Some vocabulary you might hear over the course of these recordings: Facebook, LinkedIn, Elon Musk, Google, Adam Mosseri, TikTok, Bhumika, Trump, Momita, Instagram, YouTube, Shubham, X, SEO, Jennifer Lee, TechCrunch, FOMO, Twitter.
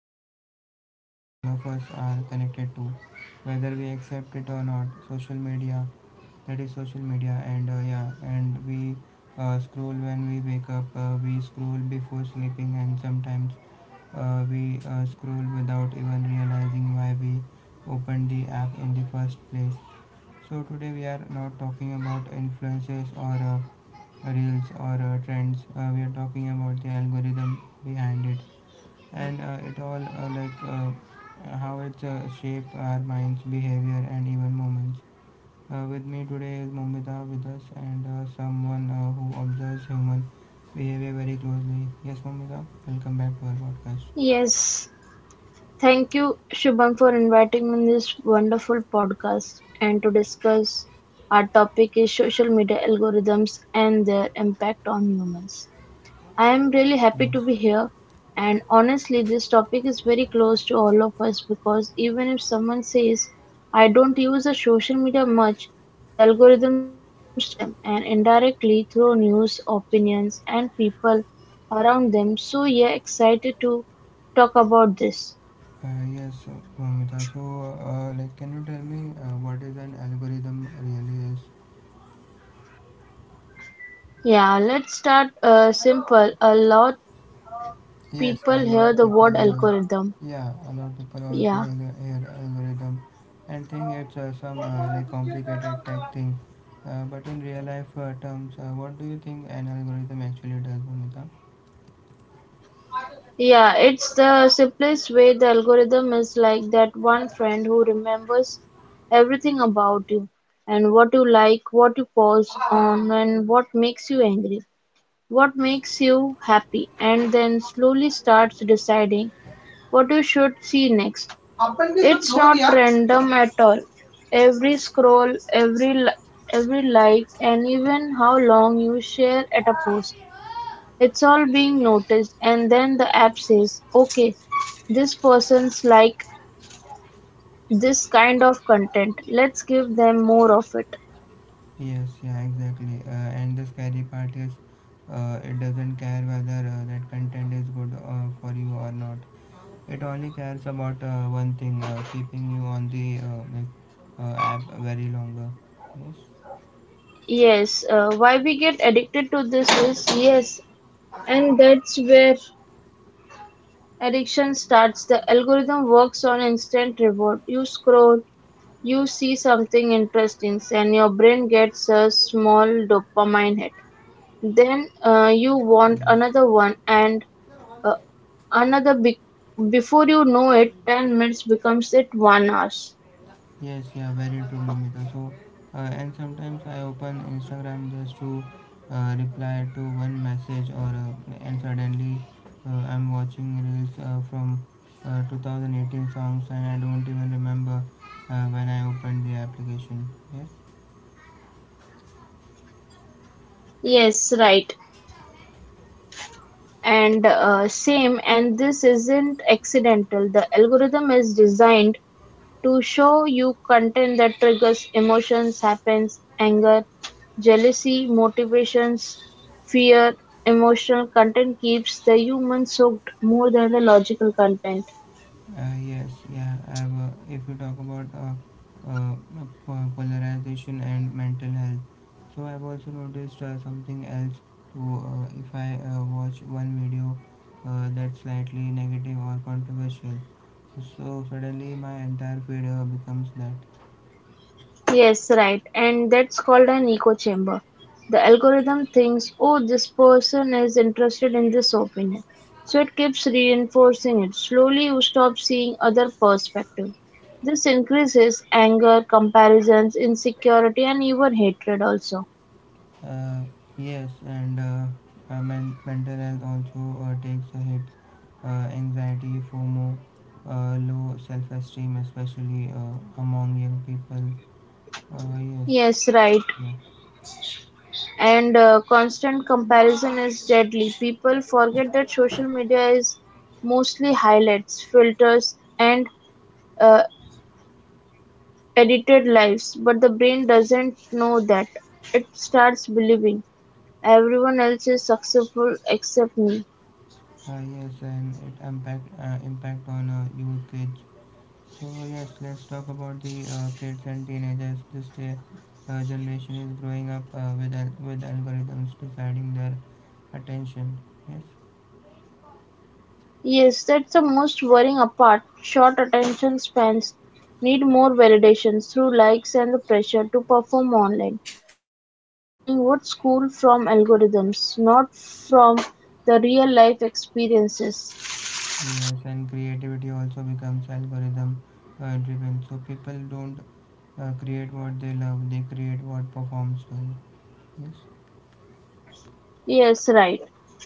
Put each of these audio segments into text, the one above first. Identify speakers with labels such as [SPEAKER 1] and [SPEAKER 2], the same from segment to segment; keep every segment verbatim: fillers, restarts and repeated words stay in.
[SPEAKER 1] is something all of us are connected to, whether we accept it or not. Social media, that is social media, and uh, yeah, and we uh, scroll when we wake up, uh, we scroll before sleeping, and sometimes uh, we uh, scroll without even realizing why we opened the app in the first place. So today we are not talking about influences or uh, reels or uh, trends uh, we are talking about the algorithm behind it and uh, it all uh, like uh, how it uh, shape our minds behavior and even moments uh, with me today is Momita with us and uh, someone uh, who observes human behavior very closely, yes, Momita, welcome back to our podcast.
[SPEAKER 2] Yes, thank you, Shubham, for inviting me in this wonderful podcast and to discuss our topic is social media algorithms and their impact on humans. I'm really happy
[SPEAKER 1] Thanks.
[SPEAKER 2] to be here and honestly this topic is very close to all of us because even if someone says I don't use the social media much, the algorithm still affects them and indirectly through news, opinions and people around them. So yeah, excited to talk about this.
[SPEAKER 1] Uh, yes, Momita, so uh, like can you tell me uh, what is an algorithm really is.
[SPEAKER 2] Yeah, let's start uh, simple. A lot
[SPEAKER 1] Yes,
[SPEAKER 2] people
[SPEAKER 1] a lot
[SPEAKER 2] hear the word
[SPEAKER 1] people, uh,
[SPEAKER 2] algorithm.
[SPEAKER 1] yeah, a lot people also
[SPEAKER 2] Yeah.
[SPEAKER 1] al- hear algorithm and think it's uh, some uh, like complicated tech thing. Uh, but in real life uh, terms, uh, what do you think an algorithm actually does, Bhumika?
[SPEAKER 2] Yeah, it's the simplest way the algorithm is like that one friend who remembers everything about you and what you like, what you pause on, and what makes you angry, what makes you happy, and then slowly starts deciding what you should see next. It's not random at all. Every scroll, every li- every like, and even how long you share at a post it's all being noticed and then the app says, okay, this person's like this kind of content. Let's give them more of it.
[SPEAKER 1] Yes, yeah, exactly. Uh, and the scary part is, uh, it doesn't care whether uh, that content is good uh, for you or not. It only cares about uh, one thing, uh, keeping you on the uh, like uh, app very longer. Yes,
[SPEAKER 2] Yes, uh, why we get addicted to this is yes, and that's where addiction starts. The algorithm works on instant reward. You scroll, you see something interesting, and your brain gets a small dopamine hit. Then uh, you want
[SPEAKER 1] yes.
[SPEAKER 2] another one, and Another be- before you know it, ten minutes becomes it one hours.
[SPEAKER 1] Yes, yeah, very true, Mumita. So, uh, and sometimes I open Instagram just to uh, reply to one message, or uh, and suddenly uh, I'm watching reels uh, from uh, two thousand eighteen songs, and I don't even remember uh, when I opened the application. Yes.
[SPEAKER 2] Yes, right. And uh, same, and this isn't accidental. The algorithm is designed to show you content that triggers emotions, happens, anger, jealousy, motivations, fear, emotional content keeps the human soaked more than the logical content.
[SPEAKER 1] Uh, yes, yeah. I've, uh, if you talk about uh, uh, uh, po- polarization and mental health, so I've also noticed uh, something else. Too, uh, if I uh, watch one video uh, that's slightly negative or controversial, so suddenly my entire feed uh, becomes that.
[SPEAKER 2] Yes, right. And that's called an echo chamber. The algorithm thinks, oh, this person is interested in this opinion. So it keeps reinforcing it. Slowly, you stop seeing other perspectives. This increases anger, comparisons, insecurity, and even hatred also.
[SPEAKER 1] Uh, yes, and uh, uh, men- mental health also uh, takes a hit. Uh, anxiety, FOMO, uh, low self-esteem, especially uh, among young people. Uh, yes,
[SPEAKER 2] Yes, right.
[SPEAKER 1] yeah.
[SPEAKER 2] And uh, constant comparison is deadly. People forget that social media is mostly highlights, filters, and uh, edited lives, but the brain doesn't know that; it starts believing, "Everyone else is successful except me."
[SPEAKER 1] Uh, yes, and it impact uh, impact on uh, youth kids. So yes, let's talk about the uh, kids and teenagers. This day, uh, generation is growing up uh, with al- with algorithms deciding their attention. Yes,
[SPEAKER 2] Yes, that's the most worrying part. Short attention spans need more validations through likes and the pressure to perform online. Kids are learning what school from algorithms, not from the real life experiences.
[SPEAKER 1] yes, and creativity also becomes algorithm uh, driven. So people don't uh, create what they love; they create what performs well. Yes.
[SPEAKER 2] Yes, right.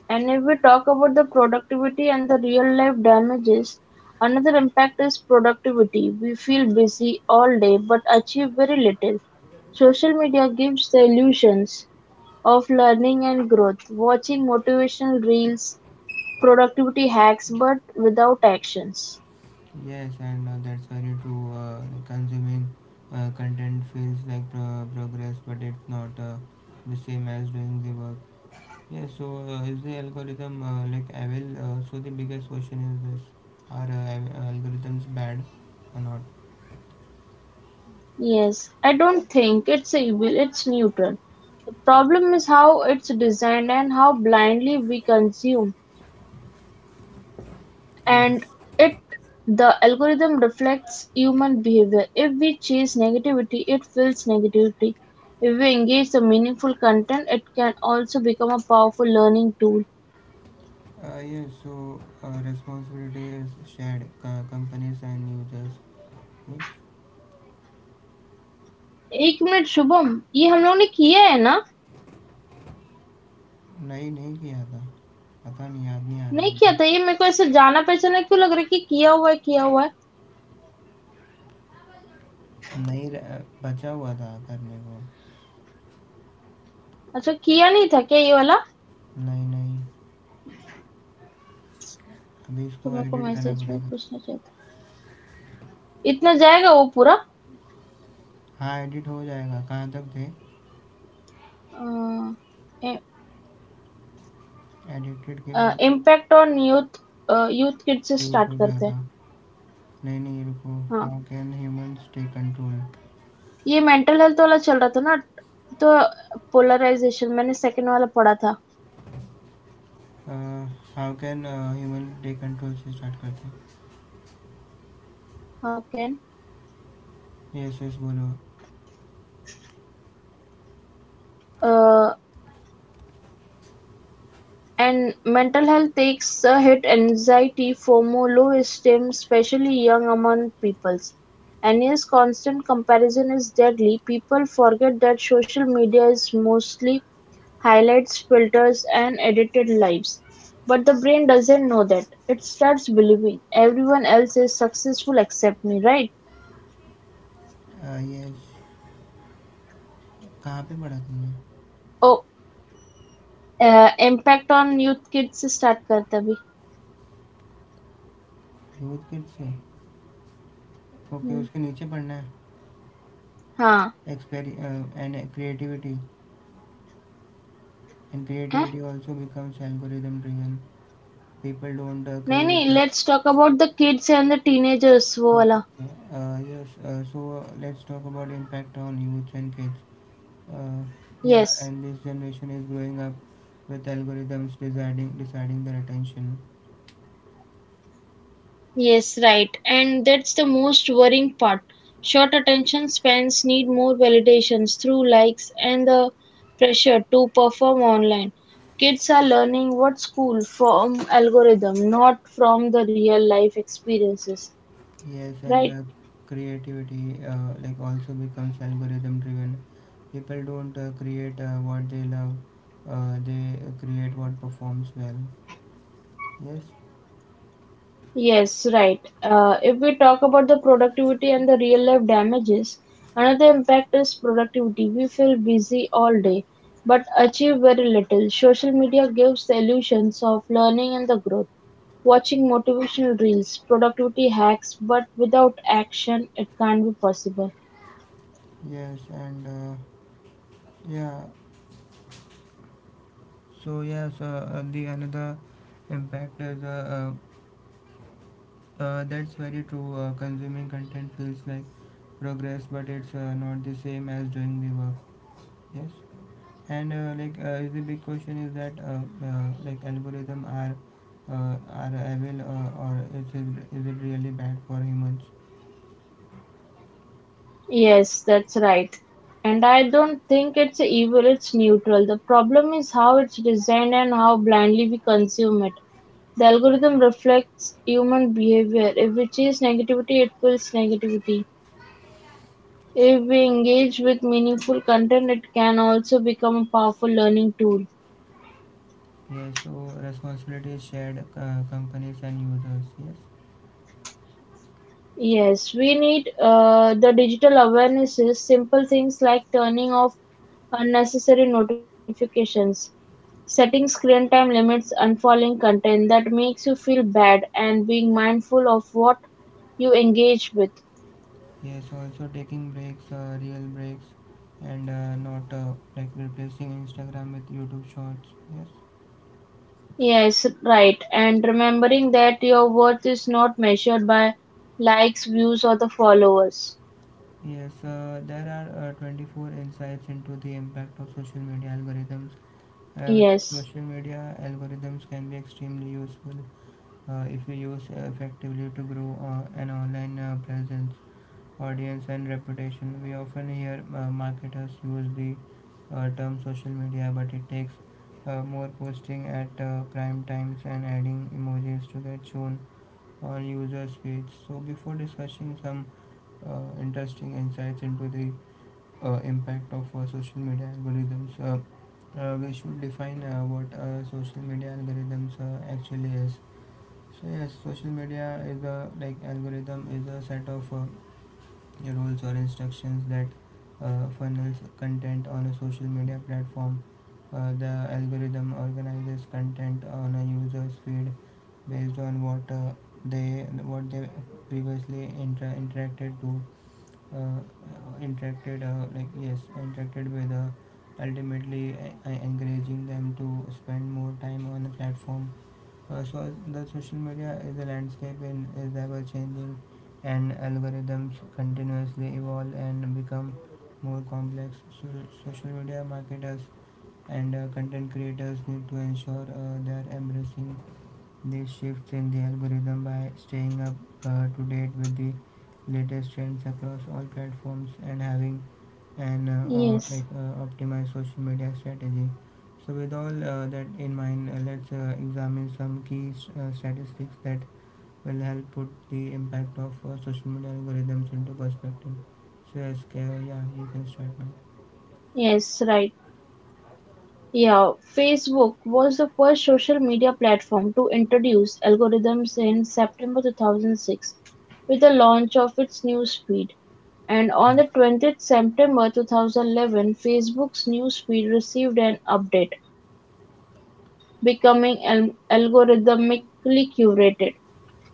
[SPEAKER 2] And if we talk about the productivity and the real life damages, another impact is productivity. We feel busy all day but achieve very little. Social media gives the illusions of learning and growth, watching motivational reels, productivity hacks, but without actions.
[SPEAKER 1] Yes, and uh, that's very true. Uh, like consuming uh, content feels like pro- progress, but it's not uh, the same as doing the work. Yeah, so uh, is the algorithm uh, like evil? Uh, so the biggest question is this: are uh, av- algorithms bad or not?
[SPEAKER 2] Yes, I don't think it's evil, it's neutral. The problem is how it's designed and how blindly we consume and
[SPEAKER 1] Yes.
[SPEAKER 2] it the algorithm reflects human behavior. If we chase negativity, it fills negativity. If we engage the meaningful content, it can also become a powerful learning tool.
[SPEAKER 1] Uh, yes. So uh, responsibility is shared. Co- companies and users. Oops,
[SPEAKER 2] एक minute Shubham ये हम लोग ने किया है ना
[SPEAKER 1] नहीं नहीं किया था पता नहीं याद नहीं आ रहा
[SPEAKER 2] नहीं किया
[SPEAKER 1] मुझे
[SPEAKER 2] था ये मेरे को ऐसे जाना पहचाना क्यों लग रहा है कि किया हुआ है किया हुआ है
[SPEAKER 1] नहीं र- बचा हुआ था करने को
[SPEAKER 2] अच्छा किया नहीं था क्या ये वाला
[SPEAKER 1] नहीं नहीं अभी
[SPEAKER 2] तो
[SPEAKER 1] इसको
[SPEAKER 2] मेरे को
[SPEAKER 1] एडिट करना
[SPEAKER 2] मैसेज में
[SPEAKER 1] पड़ेगा
[SPEAKER 2] पूछना चाहिए था इतना जाएगा वो पूरा
[SPEAKER 1] हाँ एडिट हो जाएगा कहाँ तक थे एडिटेड के बाद
[SPEAKER 2] impact on youth youth kid से
[SPEAKER 1] यूथ
[SPEAKER 2] स्टार्ट
[SPEAKER 1] हो गया
[SPEAKER 2] करते हैं
[SPEAKER 1] था नहीं नहीं रुको
[SPEAKER 2] हाँ,
[SPEAKER 1] how can humanity control
[SPEAKER 2] ये मेंटल हेल्थ वाला चल रहा था ना तो पोलराइजेशन मैंने सेकंड वाला पढ़ा था
[SPEAKER 1] how can humanity control से स्टार्ट करते
[SPEAKER 2] हाउ कैन
[SPEAKER 1] हैं यस यस बोलो
[SPEAKER 2] and mental health takes a hit anxiety FOMO low esteem specially young among peoples and yes constant comparison is deadly people forget that social media is mostly highlights filters and edited lives but the brain doesn't know that it starts believing everyone else is successful except me right
[SPEAKER 1] yes कहाँ पे पढ़ा तुमने
[SPEAKER 2] oh impact on youth kids से start करते अभी
[SPEAKER 1] youth kid से okay
[SPEAKER 2] hmm.
[SPEAKER 1] उसके नीचे पढ़ना है
[SPEAKER 2] हाँ
[SPEAKER 1] एक्सपेरी एंड creativity and
[SPEAKER 2] हैं?
[SPEAKER 1] creativity also becomes algorithm driven people don't uh,
[SPEAKER 2] नहीं नहीं
[SPEAKER 1] create uh,
[SPEAKER 2] let's talk about the kids and the teenagers वो
[SPEAKER 1] Okay,
[SPEAKER 2] वाला
[SPEAKER 1] okay. Uh, yes. Uh, so uh, let's talk about impact on youth and kids. Uh, yeah,
[SPEAKER 2] yes
[SPEAKER 1] and this generation is growing up with algorithms deciding deciding their attention.
[SPEAKER 2] Yes right and that's the most worrying part Short attention spans need more validations through likes and the pressure to perform online kids are learning what school from algorithm not from the real life experiences
[SPEAKER 1] Yes, and
[SPEAKER 2] right.
[SPEAKER 1] uh, creativity uh, like also becomes algorithm driven. People don't uh, create uh, what they love. Uh, they create what performs well. Yes.
[SPEAKER 2] Yes, right. Uh, if we talk about the productivity and the real life damages, another impact is productivity. We feel busy all day but achieve very little. Social media gives the illusions of learning and the growth. Watching motivational reels, productivity hacks, but without action, it can't be possible.
[SPEAKER 1] Yes, and uh, yeah. So yes, uh, uh, the another impact is uh, uh, Uh, that's very true. Uh, consuming content feels like progress, but it's uh, not the same as doing the work. Yes, and uh, like uh, is the big question is that uh, uh, like algorithm are uh, are evil uh, or is it, is it really bad for humans?
[SPEAKER 2] Yes, that's right. And I don't think it's evil, it's neutral. The problem is how it's designed and how blindly we consume it. The algorithm reflects human behavior. If we chase negativity, it feels negativity. If we engage with meaningful content, it can also become a powerful learning tool.
[SPEAKER 1] Yes, so responsibility is shared, uh, companies and users. Yes,
[SPEAKER 2] Yes, we need uh, the digital awarenesses, simple things like turning off unnecessary notifications, setting screen time limits, unfollowing content that makes you feel bad, and being mindful of what you engage with.
[SPEAKER 1] yes. Also taking breaks, uh, real breaks, and uh, not uh, like replacing Instagram with YouTube Shorts. Yes.
[SPEAKER 2] Yes, right. And remembering that your worth is not measured by likes, views, or the followers.
[SPEAKER 1] Yes, uh, there are uh, twenty-four insights into the impact of social media algorithms, uh, which
[SPEAKER 2] Yes,
[SPEAKER 1] social media algorithms can be extremely useful uh, if you use effectively to grow uh, an online uh, presence, audience, and reputation. We often hear uh, marketers use the uh, term social media, but it takes uh, more posting at uh, prime times and adding emojis to get shown on users' feeds. So, before discussing some uh, interesting insights into the uh, impact of uh, social media algorithms, Uh, uh, we should define uh, what uh, social media algorithms uh, actually is. So yes, social media is a like algorithm is a set of uh, rules or instructions that uh, funnels content on a social media platform. Uh, the algorithm organizes content on a user's feed based on what uh, they what they previously inter- interacted to uh, interacted uh, like yes interacted with, uh, ultimately uh, encouraging them to spend more time on the platform. Uh, so the social media is a landscape and is ever changing, and algorithms continuously evolve and become more complex, so social media marketers and uh, content creators need to ensure uh, they are embracing these shifts in the algorithm by staying up uh, to date with the latest trends across all platforms and having an uh, uh, like
[SPEAKER 2] yes,
[SPEAKER 1] uh, optimized social media strategy. So with all uh, that in mind, uh, let's uh, examine some key uh, statistics that will help put the impact of uh, social media algorithms into perspective. So yes, K- yeah, you can start now.
[SPEAKER 2] yes, right. Yeah, Facebook was the first social media platform to introduce algorithms in September two thousand six with the launch of its newsfeed. And on the
[SPEAKER 1] Yes.
[SPEAKER 2] twentieth September two thousand eleven, Facebook's newsfeed received an update, becoming al- algorithmically curated.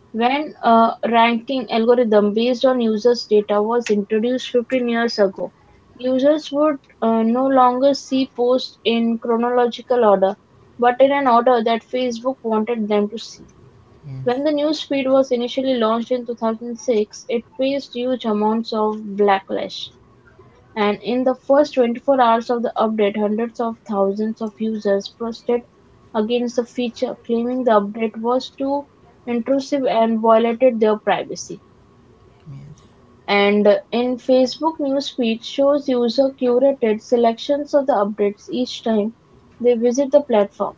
[SPEAKER 2] When a ranking algorithm based on users' data was introduced fifteen years ago, users would uh, no longer see posts in chronological order, but in an order that Facebook wanted them to see.
[SPEAKER 1] Yes,
[SPEAKER 2] When the newsfeed was initially launched in two thousand six, it faced huge amounts of backlash. And in the first twenty-four hours of the update, hundreds of thousands of users protested against the feature, claiming the update was too intrusive and violated their privacy.
[SPEAKER 1] yes,
[SPEAKER 2] And in Facebook newsfeed shows user curated selections of the updates each time they visit the platform.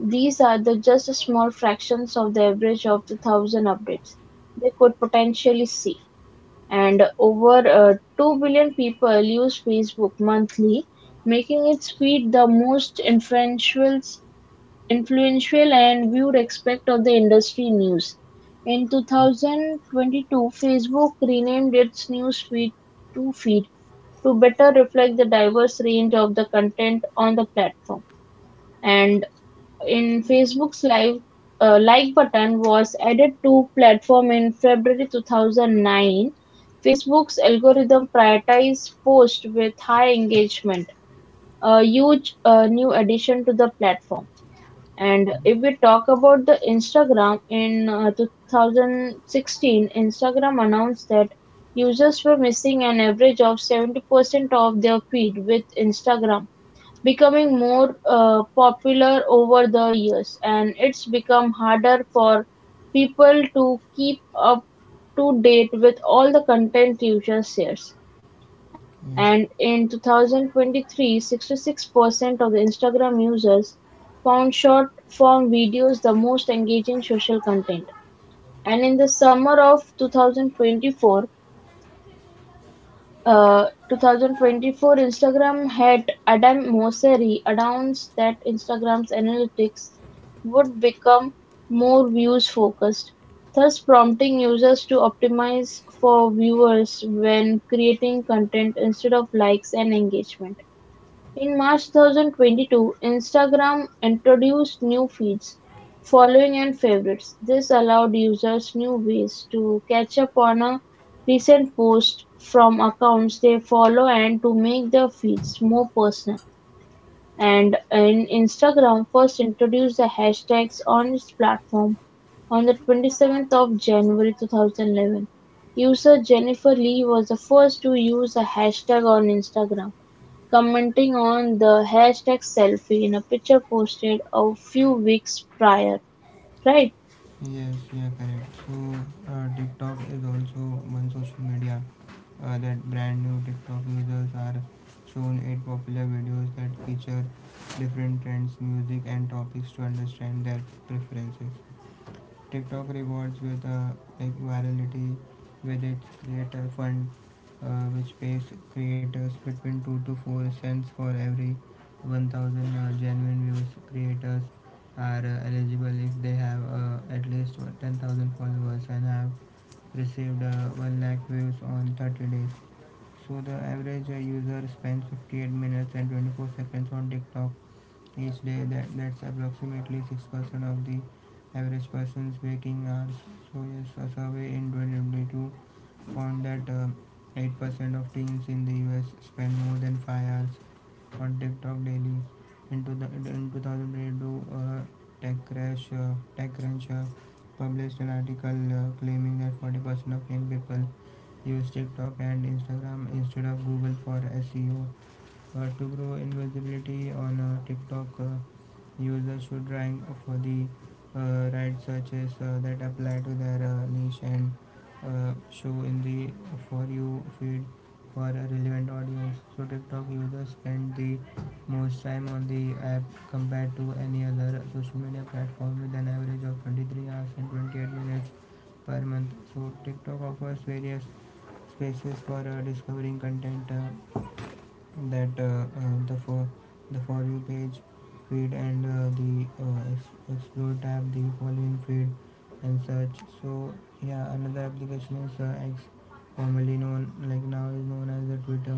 [SPEAKER 2] These are the just small fractions of the average of the thousand updates they could potentially see and over uh, two billion people use Facebook monthly, making its feed the most influential, influential and viewed aspect of the industry news. In twenty twenty-two, Facebook renamed its news feed to Feed to better reflect the diverse range of the content on the platform. And in Facebook's live uh, like button was added to platform in February two thousand nine. Facebook's algorithm prioritized posts with high engagement, a huge uh, new addition to the platform. And if we talk about the Instagram in uh, two thousand sixteen, Instagram announced that users were missing an average of seventy percent of their feed with Instagram becoming more uh, popular over the years, and it's become harder for people to keep up to date with all the content Twitter shares.
[SPEAKER 1] yes.
[SPEAKER 2] And in twenty twenty-three, sixty-six percent of the Instagram users found short form videos the most engaging social content. And in the summer of twenty twenty-four, uh, 2024 Instagram head Adam Mosseri announced that Instagram's analytics would become more views focused, thus prompting users to optimize for viewers when creating content instead of likes and engagement. In March two thousand twenty-two, Instagram introduced new feeds, following and favorites. This allowed users new ways to catch up on a recent post from accounts they follow and to make their feeds more personal. And in Instagram first introduced the hashtags on its platform on the twenty-seventh of January two thousand eleven. User Jennifer Lee was the first to use a hashtag on Instagram. Commenting on the hashtag selfie in a picture posted a few weeks prior. Right? Right.
[SPEAKER 1] Yes, yeah, correct. So uh, TikTok is also one social media uh, that brand new TikTok users are shown eight popular videos that feature different trends, music, and topics to understand their preferences. TikTok rewards with uh, like virality with its creator fund, uh, which pays creators between two to four cents for every one thousand uh, genuine views. Creators are uh, eligible if they have uh, at least ten thousand followers and have received uh, one lakh views on thirty days. So the average uh, user spends fifty-eight minutes and twenty-four seconds on TikTok each day. That that's approximately six percent of the average person's waking hours. So yes, a survey in twenty twenty-two found that uh, eight percent of teens in the U S spend more than five hours on TikTok daily. In, to the in twenty twenty-two, uh, TechCrunch uh, TechCrunch uh, published an article uh, claiming that forty percent of young people use TikTok and Instagram instead of Google for S E O. Uh, to grow invisibility on uh, TikTok, uh, users should rank for the uh, right searches uh, that apply to their uh, niche and uh, show in the For You feed for a relevant audience. So, TikTok users spend the most time on the app compared to any other social media platform, with an average of twenty-three hours and twenty-eight minutes per month. So, TikTok offers various spaces for uh, discovering content, Uh, that uh, uh, the for the For You page feed and uh, the uh, ex- explore tab, the following feed and search. So yeah, another application is uh, X, formerly known like now is known as the Twitter.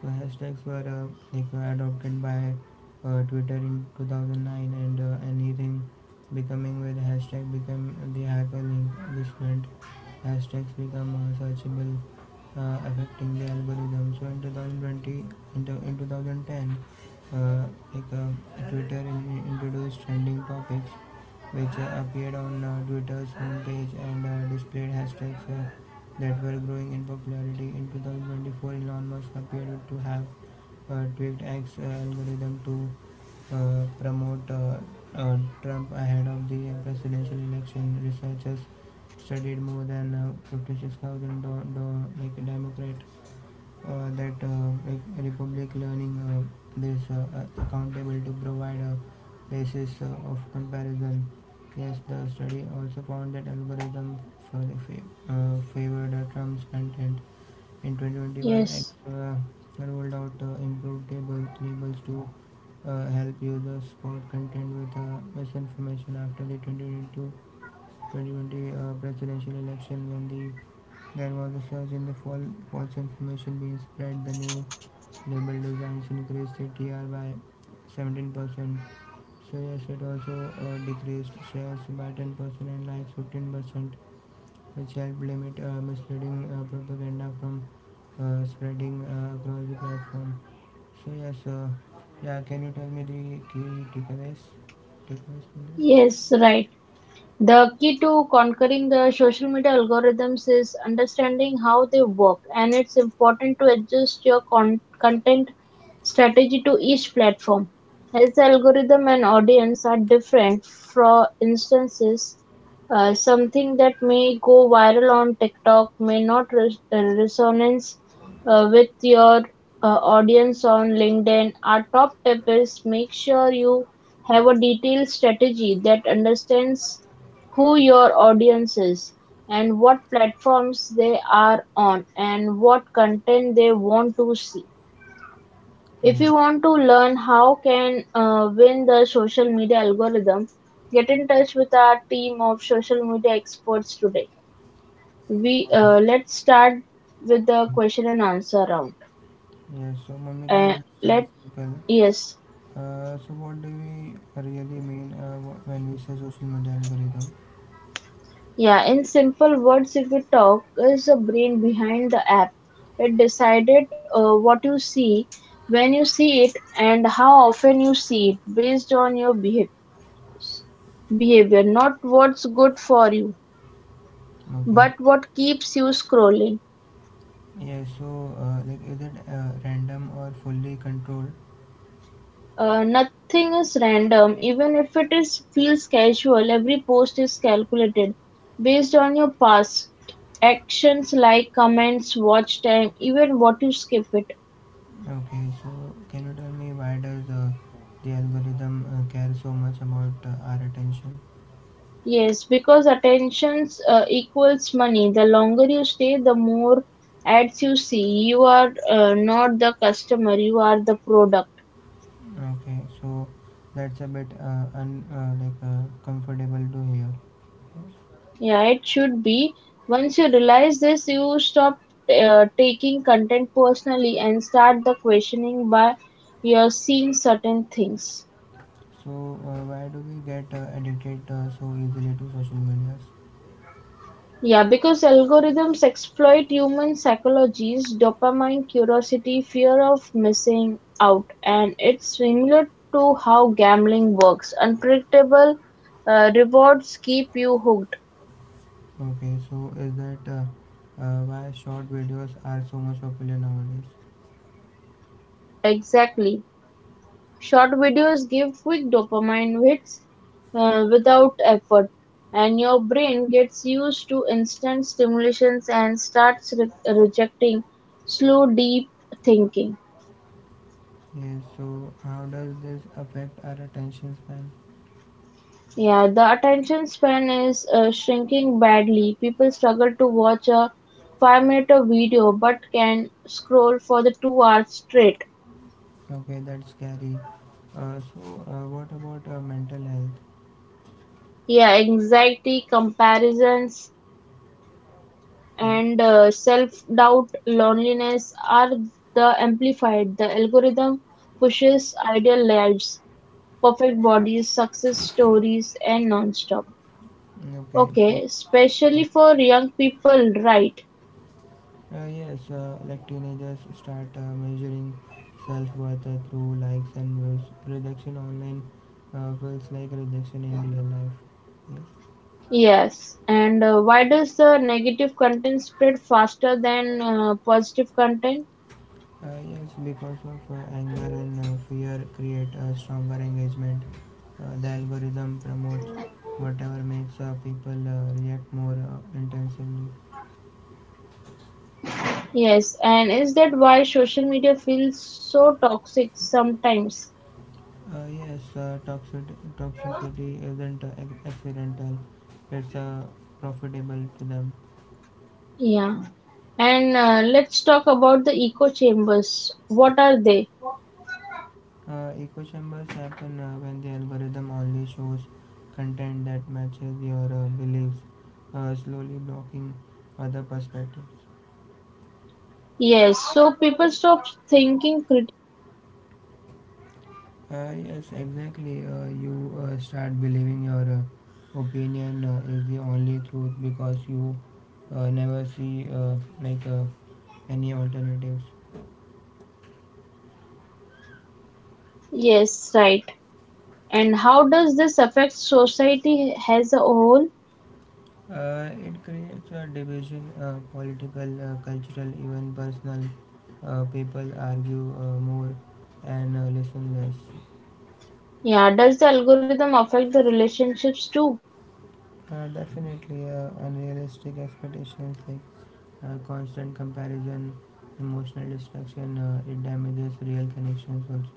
[SPEAKER 1] So hashtags were uh, like uh, adopted by uh, Twitter in two thousand nine, and uh, anything becoming with hashtag became the hyperlink. This meant hashtags become uh, searchable, uh, affecting the algorithm. So in twenty twenty, in, in twenty ten, uh, like uh, Twitter in- introduced trending topics which uh, appeared on uh, Twitter's homepage and uh, displayed hashtags uh, that were growing in popularity. In twenty twenty-four, Elon Musk appeared to have uh, tweaked X uh, algorithm to uh, promote uh, uh, Trump ahead of the presidential election. Researchers studied more than uh, fifty-six thousand do- do- like Democrat uh, that uh, like Republic Learning uh, this uh, uh, accountable to provide a basis uh, of comparison. Yes, the study also found that algorithm for the fa- uh, favored uh, Trump's content. In twenty twenty-one, X
[SPEAKER 2] Yes,
[SPEAKER 1] uh, rolled out uh, improved table tables to uh, help users spot content with uh, misinformation after the twenty twenty-two twenty twenty uh, presidential election when the there was a surge in the fall, false information being spread. The new label designs increased T R by seventeen percent. Soya State also uh, decreased shares by ten percent and likes fifteen percent, which helped limit uh, misleading uh, propaganda from uh, spreading uh, across the platform. So yes, uh, yeah. Can you tell me the key takeaways? Takeaways from this?
[SPEAKER 2] yes, right. The key to conquering the social media algorithms is understanding how they work, and it's important to adjust your con- content strategy to each platform. As the algorithm and audience are different, for instances, uh, something that may go viral on TikTok may not res- uh, resonance uh, with your uh, audience on LinkedIn. Our top tip is make sure you have a detailed strategy that understands who your audience is, and what platforms they are on, and what content they want to see. If you
[SPEAKER 1] Yes.
[SPEAKER 2] want to learn how can uh, win the social media algorithm, get in touch with our team of social media experts today. We
[SPEAKER 1] Yes.
[SPEAKER 2] uh, let's start with the question and answer round.
[SPEAKER 1] Yes. So Mamita,
[SPEAKER 2] Uh,
[SPEAKER 1] let's start
[SPEAKER 2] let
[SPEAKER 1] simple.
[SPEAKER 2] Yes.
[SPEAKER 1] Uh, so what do we really mean uh, wh- when we say social media algorithm?
[SPEAKER 2] Yeah, in simple words, if we talk, is the brain behind the app. It decided uh, what you see, when you see it, and how often you see it based on your behav- behavior. Not what's good for you,
[SPEAKER 1] Okay.
[SPEAKER 2] but what keeps you scrolling.
[SPEAKER 1] Yeah, so uh, like is it uh, random or fully controlled?
[SPEAKER 2] Uh, nothing is random, even if it is feels casual. Every post is calculated based on your past actions, like comments, watch time, even what you skip it.
[SPEAKER 1] Okay, so can you tell me why does uh, the algorithm uh, care so much about uh, our attention?
[SPEAKER 2] Yes, because attentions uh, equals money. The longer you stay, the more ads you see. You are uh, not the customer, you are the product.
[SPEAKER 1] Okay, so that's a bit uh, un uh, like uh, comfortable to hear.
[SPEAKER 2] Yeah, it should be. Once you realize this, you stop uh, taking content personally and start the questioning by you're seeing certain things.
[SPEAKER 1] So uh, why do we get uh, addicted uh, so easily to social medias?
[SPEAKER 2] Yeah, because algorithms exploit human psychologies, dopamine, curiosity, fear of missing out, and it's similar to how gambling works. Unpredictable uh, rewards keep you hooked.
[SPEAKER 1] Okay, so is that uh, uh, why short videos are so much popular nowadays?
[SPEAKER 2] Exactly. Short videos give quick dopamine hits uh, without effort, and your brain gets used to instant stimulations and starts re- rejecting slow, deep thinking.
[SPEAKER 1] Yeah, so how does this affect our attention span?
[SPEAKER 2] Yeah, the attention span is uh, shrinking badly. People struggle to watch a five-minute video but can scroll for the two hours straight.
[SPEAKER 1] Okay, that's scary. Uh, so uh, what about uh, mental health?
[SPEAKER 2] Yeah, anxiety, comparisons, and uh,
[SPEAKER 1] Mm,
[SPEAKER 2] self-doubt, loneliness are the amplified. The algorithm pushes ideal lives, perfect bodies, success stories, and non-stop.
[SPEAKER 1] okay, so
[SPEAKER 2] Okay,
[SPEAKER 1] yeah.
[SPEAKER 2] especially for young people, right?
[SPEAKER 1] uh, yes, uh, like teenagers start uh, measuring self-worth uh, through likes and views. Rejection online uh, feels like rejection in real life. Yes.
[SPEAKER 2] Yes, and uh, why does the negative content spread faster than uh, positive content?
[SPEAKER 1] Uh, yes, because of uh, anger and uh, fear create a stronger engagement. Uh, the algorithm promotes whatever makes uh, people uh, react more uh, intensively.
[SPEAKER 2] Yes, and is that why social media feels so toxic sometimes?
[SPEAKER 1] Uh, yes, uh, toxic toxicity isn't uh, ac- accidental; it's uh, profitable to them.
[SPEAKER 2] Yeah, and uh, let's talk about the echo chambers. What are they?
[SPEAKER 1] Uh, echo chambers happen uh, when the algorithm only shows content that matches your uh, beliefs, uh, slowly blocking other perspectives.
[SPEAKER 2] Yes, so people stop thinking crit-
[SPEAKER 1] Uh, yes, exactly. Uh, you uh, start believing your uh, opinion uh, is the only truth because you uh, never see uh, like uh, any alternatives.
[SPEAKER 2] Yes, right. And how does this affect society as a whole?
[SPEAKER 1] Uh, it creates a division, uh, political, uh, cultural, even personal. Uh, people argue uh, more and uh, listen less.
[SPEAKER 2] Yeah, does the algorithm affect the relationships too?
[SPEAKER 1] Uh, definitely, uh, unrealistic expectations like uh, constant comparison, emotional distraction, uh, it damages real connections also.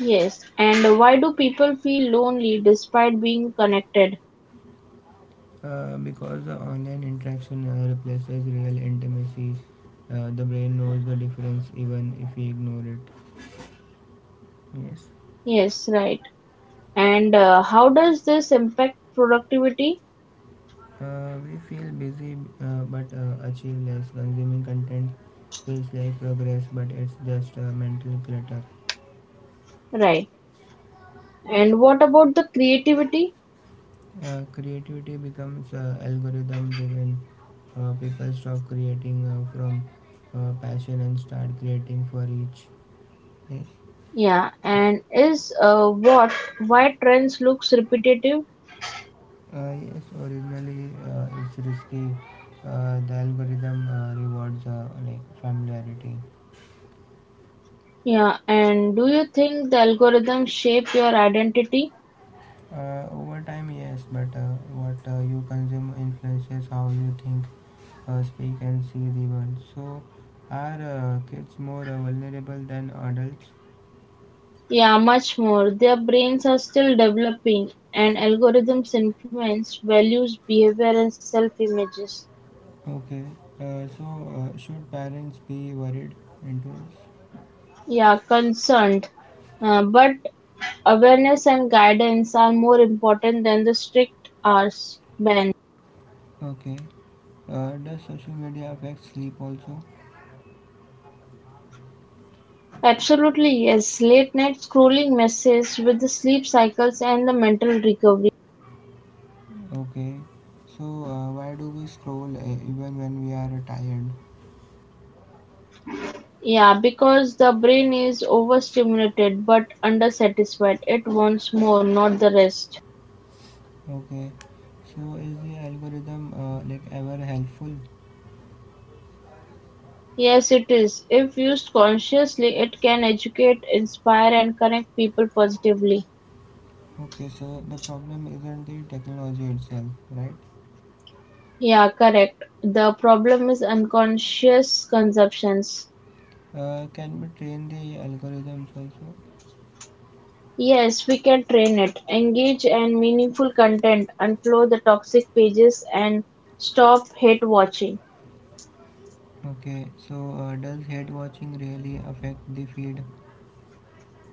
[SPEAKER 2] Yes, and why do people feel lonely despite being connected?
[SPEAKER 1] Uh, because the online interaction uh, replaces real intimacy, uh, the brain knows the difference even if we ignore it. Yes,
[SPEAKER 2] Yes, right. And uh, how does this impact productivity?
[SPEAKER 1] uh, we feel busy uh, but uh, achieve less. Consuming content feels like progress, but it's just uh, mental clutter.
[SPEAKER 2] Right. And what about the creativity?
[SPEAKER 1] Uh, creativity becomes uh, algorithm driven. Uh, people stop creating uh, from uh, passion and start creating for each. Yes.
[SPEAKER 2] Yeah, and is uh, what why trends looks repetitive?
[SPEAKER 1] Uh, yes, originally uh, it's risky. Uh, the algorithm uh, rewards uh, like familiarity.
[SPEAKER 2] Yeah, and do you think the algorithms shape your identity?
[SPEAKER 1] Uh, over time, yes, but uh, what uh, you consume influences how you think, uh, speak, and see the world. So, are uh, kids more uh, vulnerable than adults?
[SPEAKER 2] Yeah, much more. Their brains are still developing, and algorithms influence values, behavior, and self-images.
[SPEAKER 1] Okay. Uh, so, uh, should parents be worried into this?
[SPEAKER 2] Yeah, concerned. Uh, but awareness and guidance are more important than the strict hours ban.
[SPEAKER 1] Okay. Uh, does social media affect sleep also?
[SPEAKER 2] Absolutely yes, late night scrolling messes with the sleep cycles and the mental recovery.
[SPEAKER 1] Okay, so uh, why do we scroll uh, even when we are tired?
[SPEAKER 2] Yeah, because the brain is overstimulated but undersatisfied, it wants more, not the rest.
[SPEAKER 1] Okay, so is the algorithm uh, like ever helpful?
[SPEAKER 2] Yes, it is. If used consciously, it can educate, inspire, and connect people positively.
[SPEAKER 1] Okay, so the problem isn't the technology itself, right?
[SPEAKER 2] Yeah, correct. The problem is unconscious consumptions.
[SPEAKER 1] Uh, can we train the algorithms also?
[SPEAKER 2] Yes, we can train it. Engage and meaningful content, unfollow the toxic pages and stop hate watching.
[SPEAKER 1] Okay, so uh, does hate watching really affect the feed?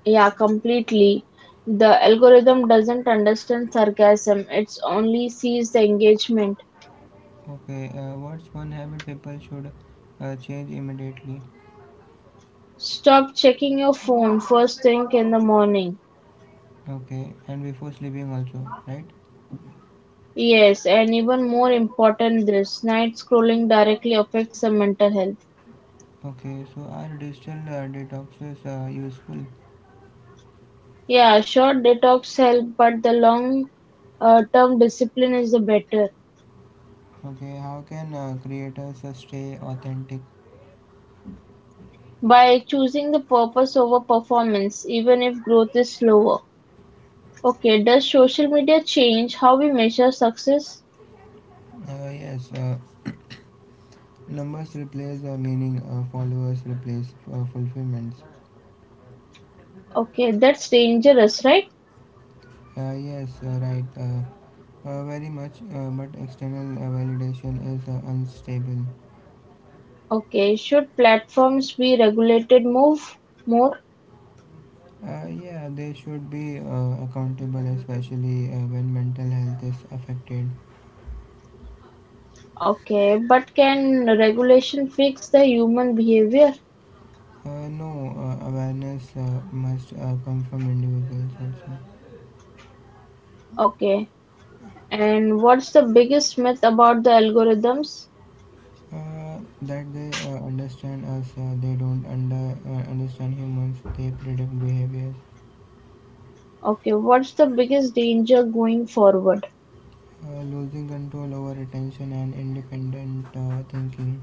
[SPEAKER 2] Yeah, completely. The algorithm doesn't understand sarcasm. It only sees the engagement.
[SPEAKER 1] Okay, uh, what's one habit people should uh, change immediately?
[SPEAKER 2] Stop checking your phone first thing in the morning.
[SPEAKER 1] Okay, and before sleeping also, right?
[SPEAKER 2] Yes, and even more important this, night scrolling directly affects the mental health.
[SPEAKER 1] Okay, so are digital uh, detoxes uh, useful?
[SPEAKER 2] Yeah, short detox help, but the long uh, term discipline is the better.
[SPEAKER 1] Okay, how can uh, creators uh, stay authentic?
[SPEAKER 2] By choosing the purpose over performance, even if growth is slower. Okay, does social media change how we measure success?
[SPEAKER 1] Uh, yes, uh, numbers replace uh, meaning, uh, followers replace uh, fulfillments.
[SPEAKER 2] Okay, that's dangerous, right?
[SPEAKER 1] Uh, yes, uh, right, uh, uh, very much, uh, but external uh, validation is uh, unstable.
[SPEAKER 2] Okay, should platforms be regulated? Move more?
[SPEAKER 1] Uh, yeah, they should be uh, accountable, especially uh, when mental health is affected.
[SPEAKER 2] Okay, but can regulation fix the human behavior?
[SPEAKER 1] Uh, no, uh, awareness uh, must uh, come from individuals also.
[SPEAKER 2] Okay, and what's the biggest myth about the algorithms?
[SPEAKER 1] Uh, that they uh, understand us, uh, they don't under, uh, understand humans, they predict behaviors.
[SPEAKER 2] Okay, what's the biggest danger going forward?
[SPEAKER 1] Uh, losing control over attention and independent uh, thinking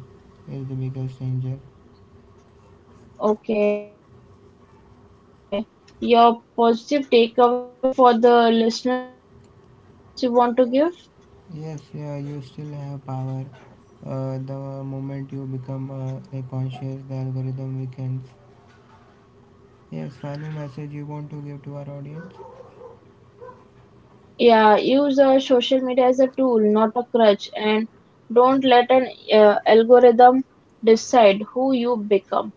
[SPEAKER 1] is the biggest danger.
[SPEAKER 2] Okay, your positive takeaway for the listeners you want to give?
[SPEAKER 1] Yes, yeah, you still have power. Uh, the moment you become uh, like conscious, the algorithm weakens. Yes, final message you want to give to our audience?
[SPEAKER 2] Yeah, use uh, social media as a tool, not a crutch, and don't let an uh, algorithm decide who you become.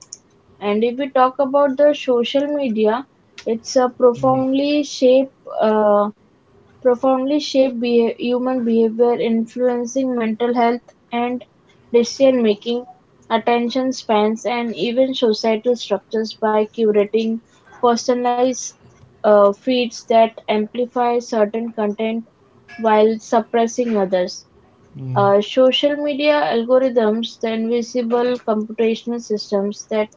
[SPEAKER 2] And if we talk about the social media, it's a
[SPEAKER 1] Yes,
[SPEAKER 2] profoundly shape. Uh, Profoundly shape beha- human behavior, influencing mental health and decision-making, attention spans, and even societal structures by curating personalized uh, feeds that amplify certain content while suppressing others.
[SPEAKER 1] yes,
[SPEAKER 2] Uh, social media algorithms, the invisible computational systems that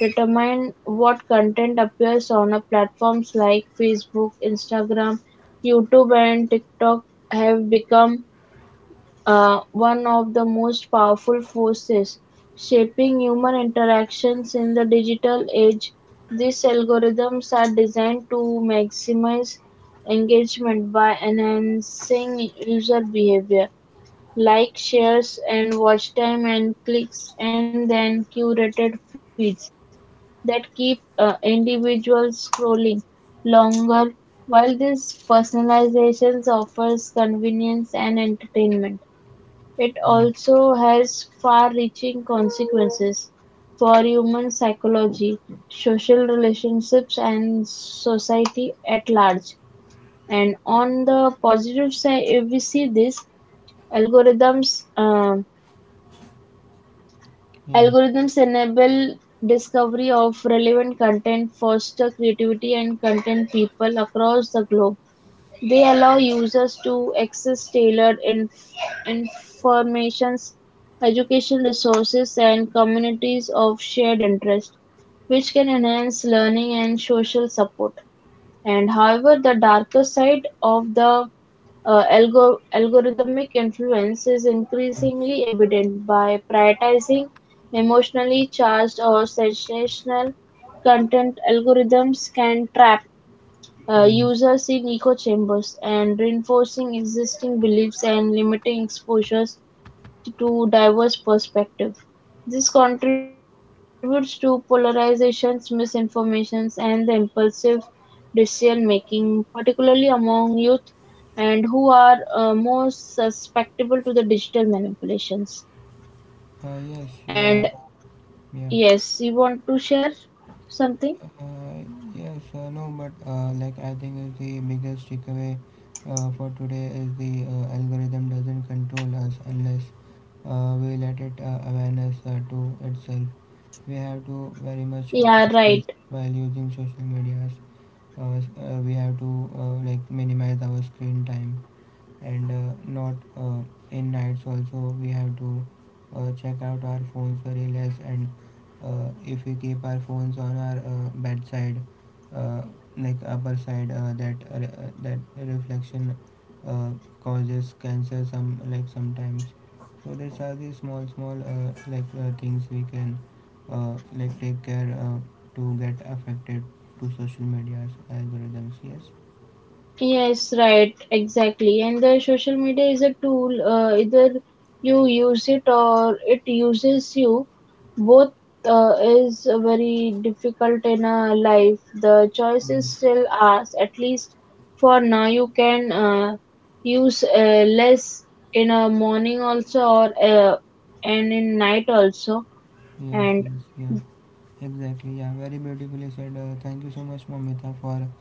[SPEAKER 2] determine what content appears on a platforms like Facebook, Instagram, YouTube, and TikTok, have become uh, one of the most powerful forces shaping human interactions in the digital age. These algorithms are designed to maximize engagement by enhancing user behavior like shares and watch time and clicks and then curated feeds that keep uh, individuals scrolling longer. While this personalization offers convenience and entertainment, it
[SPEAKER 1] yes.
[SPEAKER 2] also has far-reaching consequences for human psychology, social relationships, and society at large. And on the positive side, if we see this, algorithms um,
[SPEAKER 1] Yes.
[SPEAKER 2] algorithms enable discovery of relevant content, foster creativity and content people across the globe. They allow users to access tailored inf- informations, education resources, and communities of shared interest, which can enhance learning and social support. And however, the darker side of the uh, algo- algorithmic influence is
[SPEAKER 1] Memes,
[SPEAKER 2] increasingly evident. By prioritizing emotionally charged or sensational content, algorithms can trap uh,
[SPEAKER 1] memes.
[SPEAKER 2] users in echo chambers and reinforcing existing beliefs and limiting exposures to diverse perspectives; this contributes to polarizations, misinformations, and the impulsive decision-making, particularly among youth and who are uh, more susceptible to the digital manipulations.
[SPEAKER 1] Uh, yes, yeah,
[SPEAKER 2] And
[SPEAKER 1] yeah.
[SPEAKER 2] yes, you want to share something?
[SPEAKER 1] Uh, yes, uh, no, but uh, like I think is the biggest takeaway uh, for today is the uh, algorithm doesn't control us unless uh, we let it uh, awareness uh, to itself. We have to very much
[SPEAKER 2] Yeah, right.
[SPEAKER 1] conscious while using social medias. Uh, s- uh, we have to uh, like minimize our screen time and uh, not uh, in nights also we have to uh, check out our phones very less and uh, if we keep our phones on our uh, bedside uh, like upper side uh, that re- uh, that reflection uh, causes cancer some like sometimes so these are the small small uh, like uh, things we can uh, like take care uh, to get affected to social media's algorithms yes.
[SPEAKER 2] Yes, right, exactly. And the social media is a tool, uh, either you use it or it uses you. Both uh, is very difficult in a life. The choice is
[SPEAKER 1] Mm.
[SPEAKER 2] still ours, at least for now. You can uh, use uh, less in a morning also, or uh, and in night also.
[SPEAKER 1] Yes,
[SPEAKER 2] And
[SPEAKER 1] yes, yeah, exactly. Yeah, very beautifully said. Uh, thank you so much, Mamita, for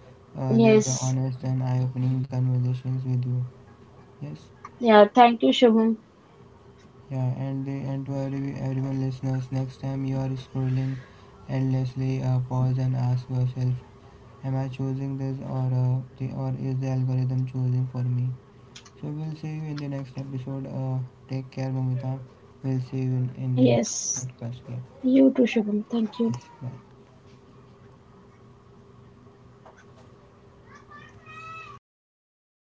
[SPEAKER 1] uh, this uh,
[SPEAKER 2] yes,
[SPEAKER 1] honest and eye-opening conversations with you. Yes,
[SPEAKER 2] yeah, thank you, Shubham.
[SPEAKER 1] yeah, and the, and to every, everyone listeners, next time you are scrolling endlessly, uh, pause and ask yourself, am I choosing this or uh, the, or is the algorithm choosing for me? So we'll see you in the next episode. Uh, take care, Mamita. We'll see you in, in the
[SPEAKER 2] Yes,
[SPEAKER 1] next podcast. Yeah.
[SPEAKER 2] you too, Shubham. Thank you.
[SPEAKER 1] Yes. Bye.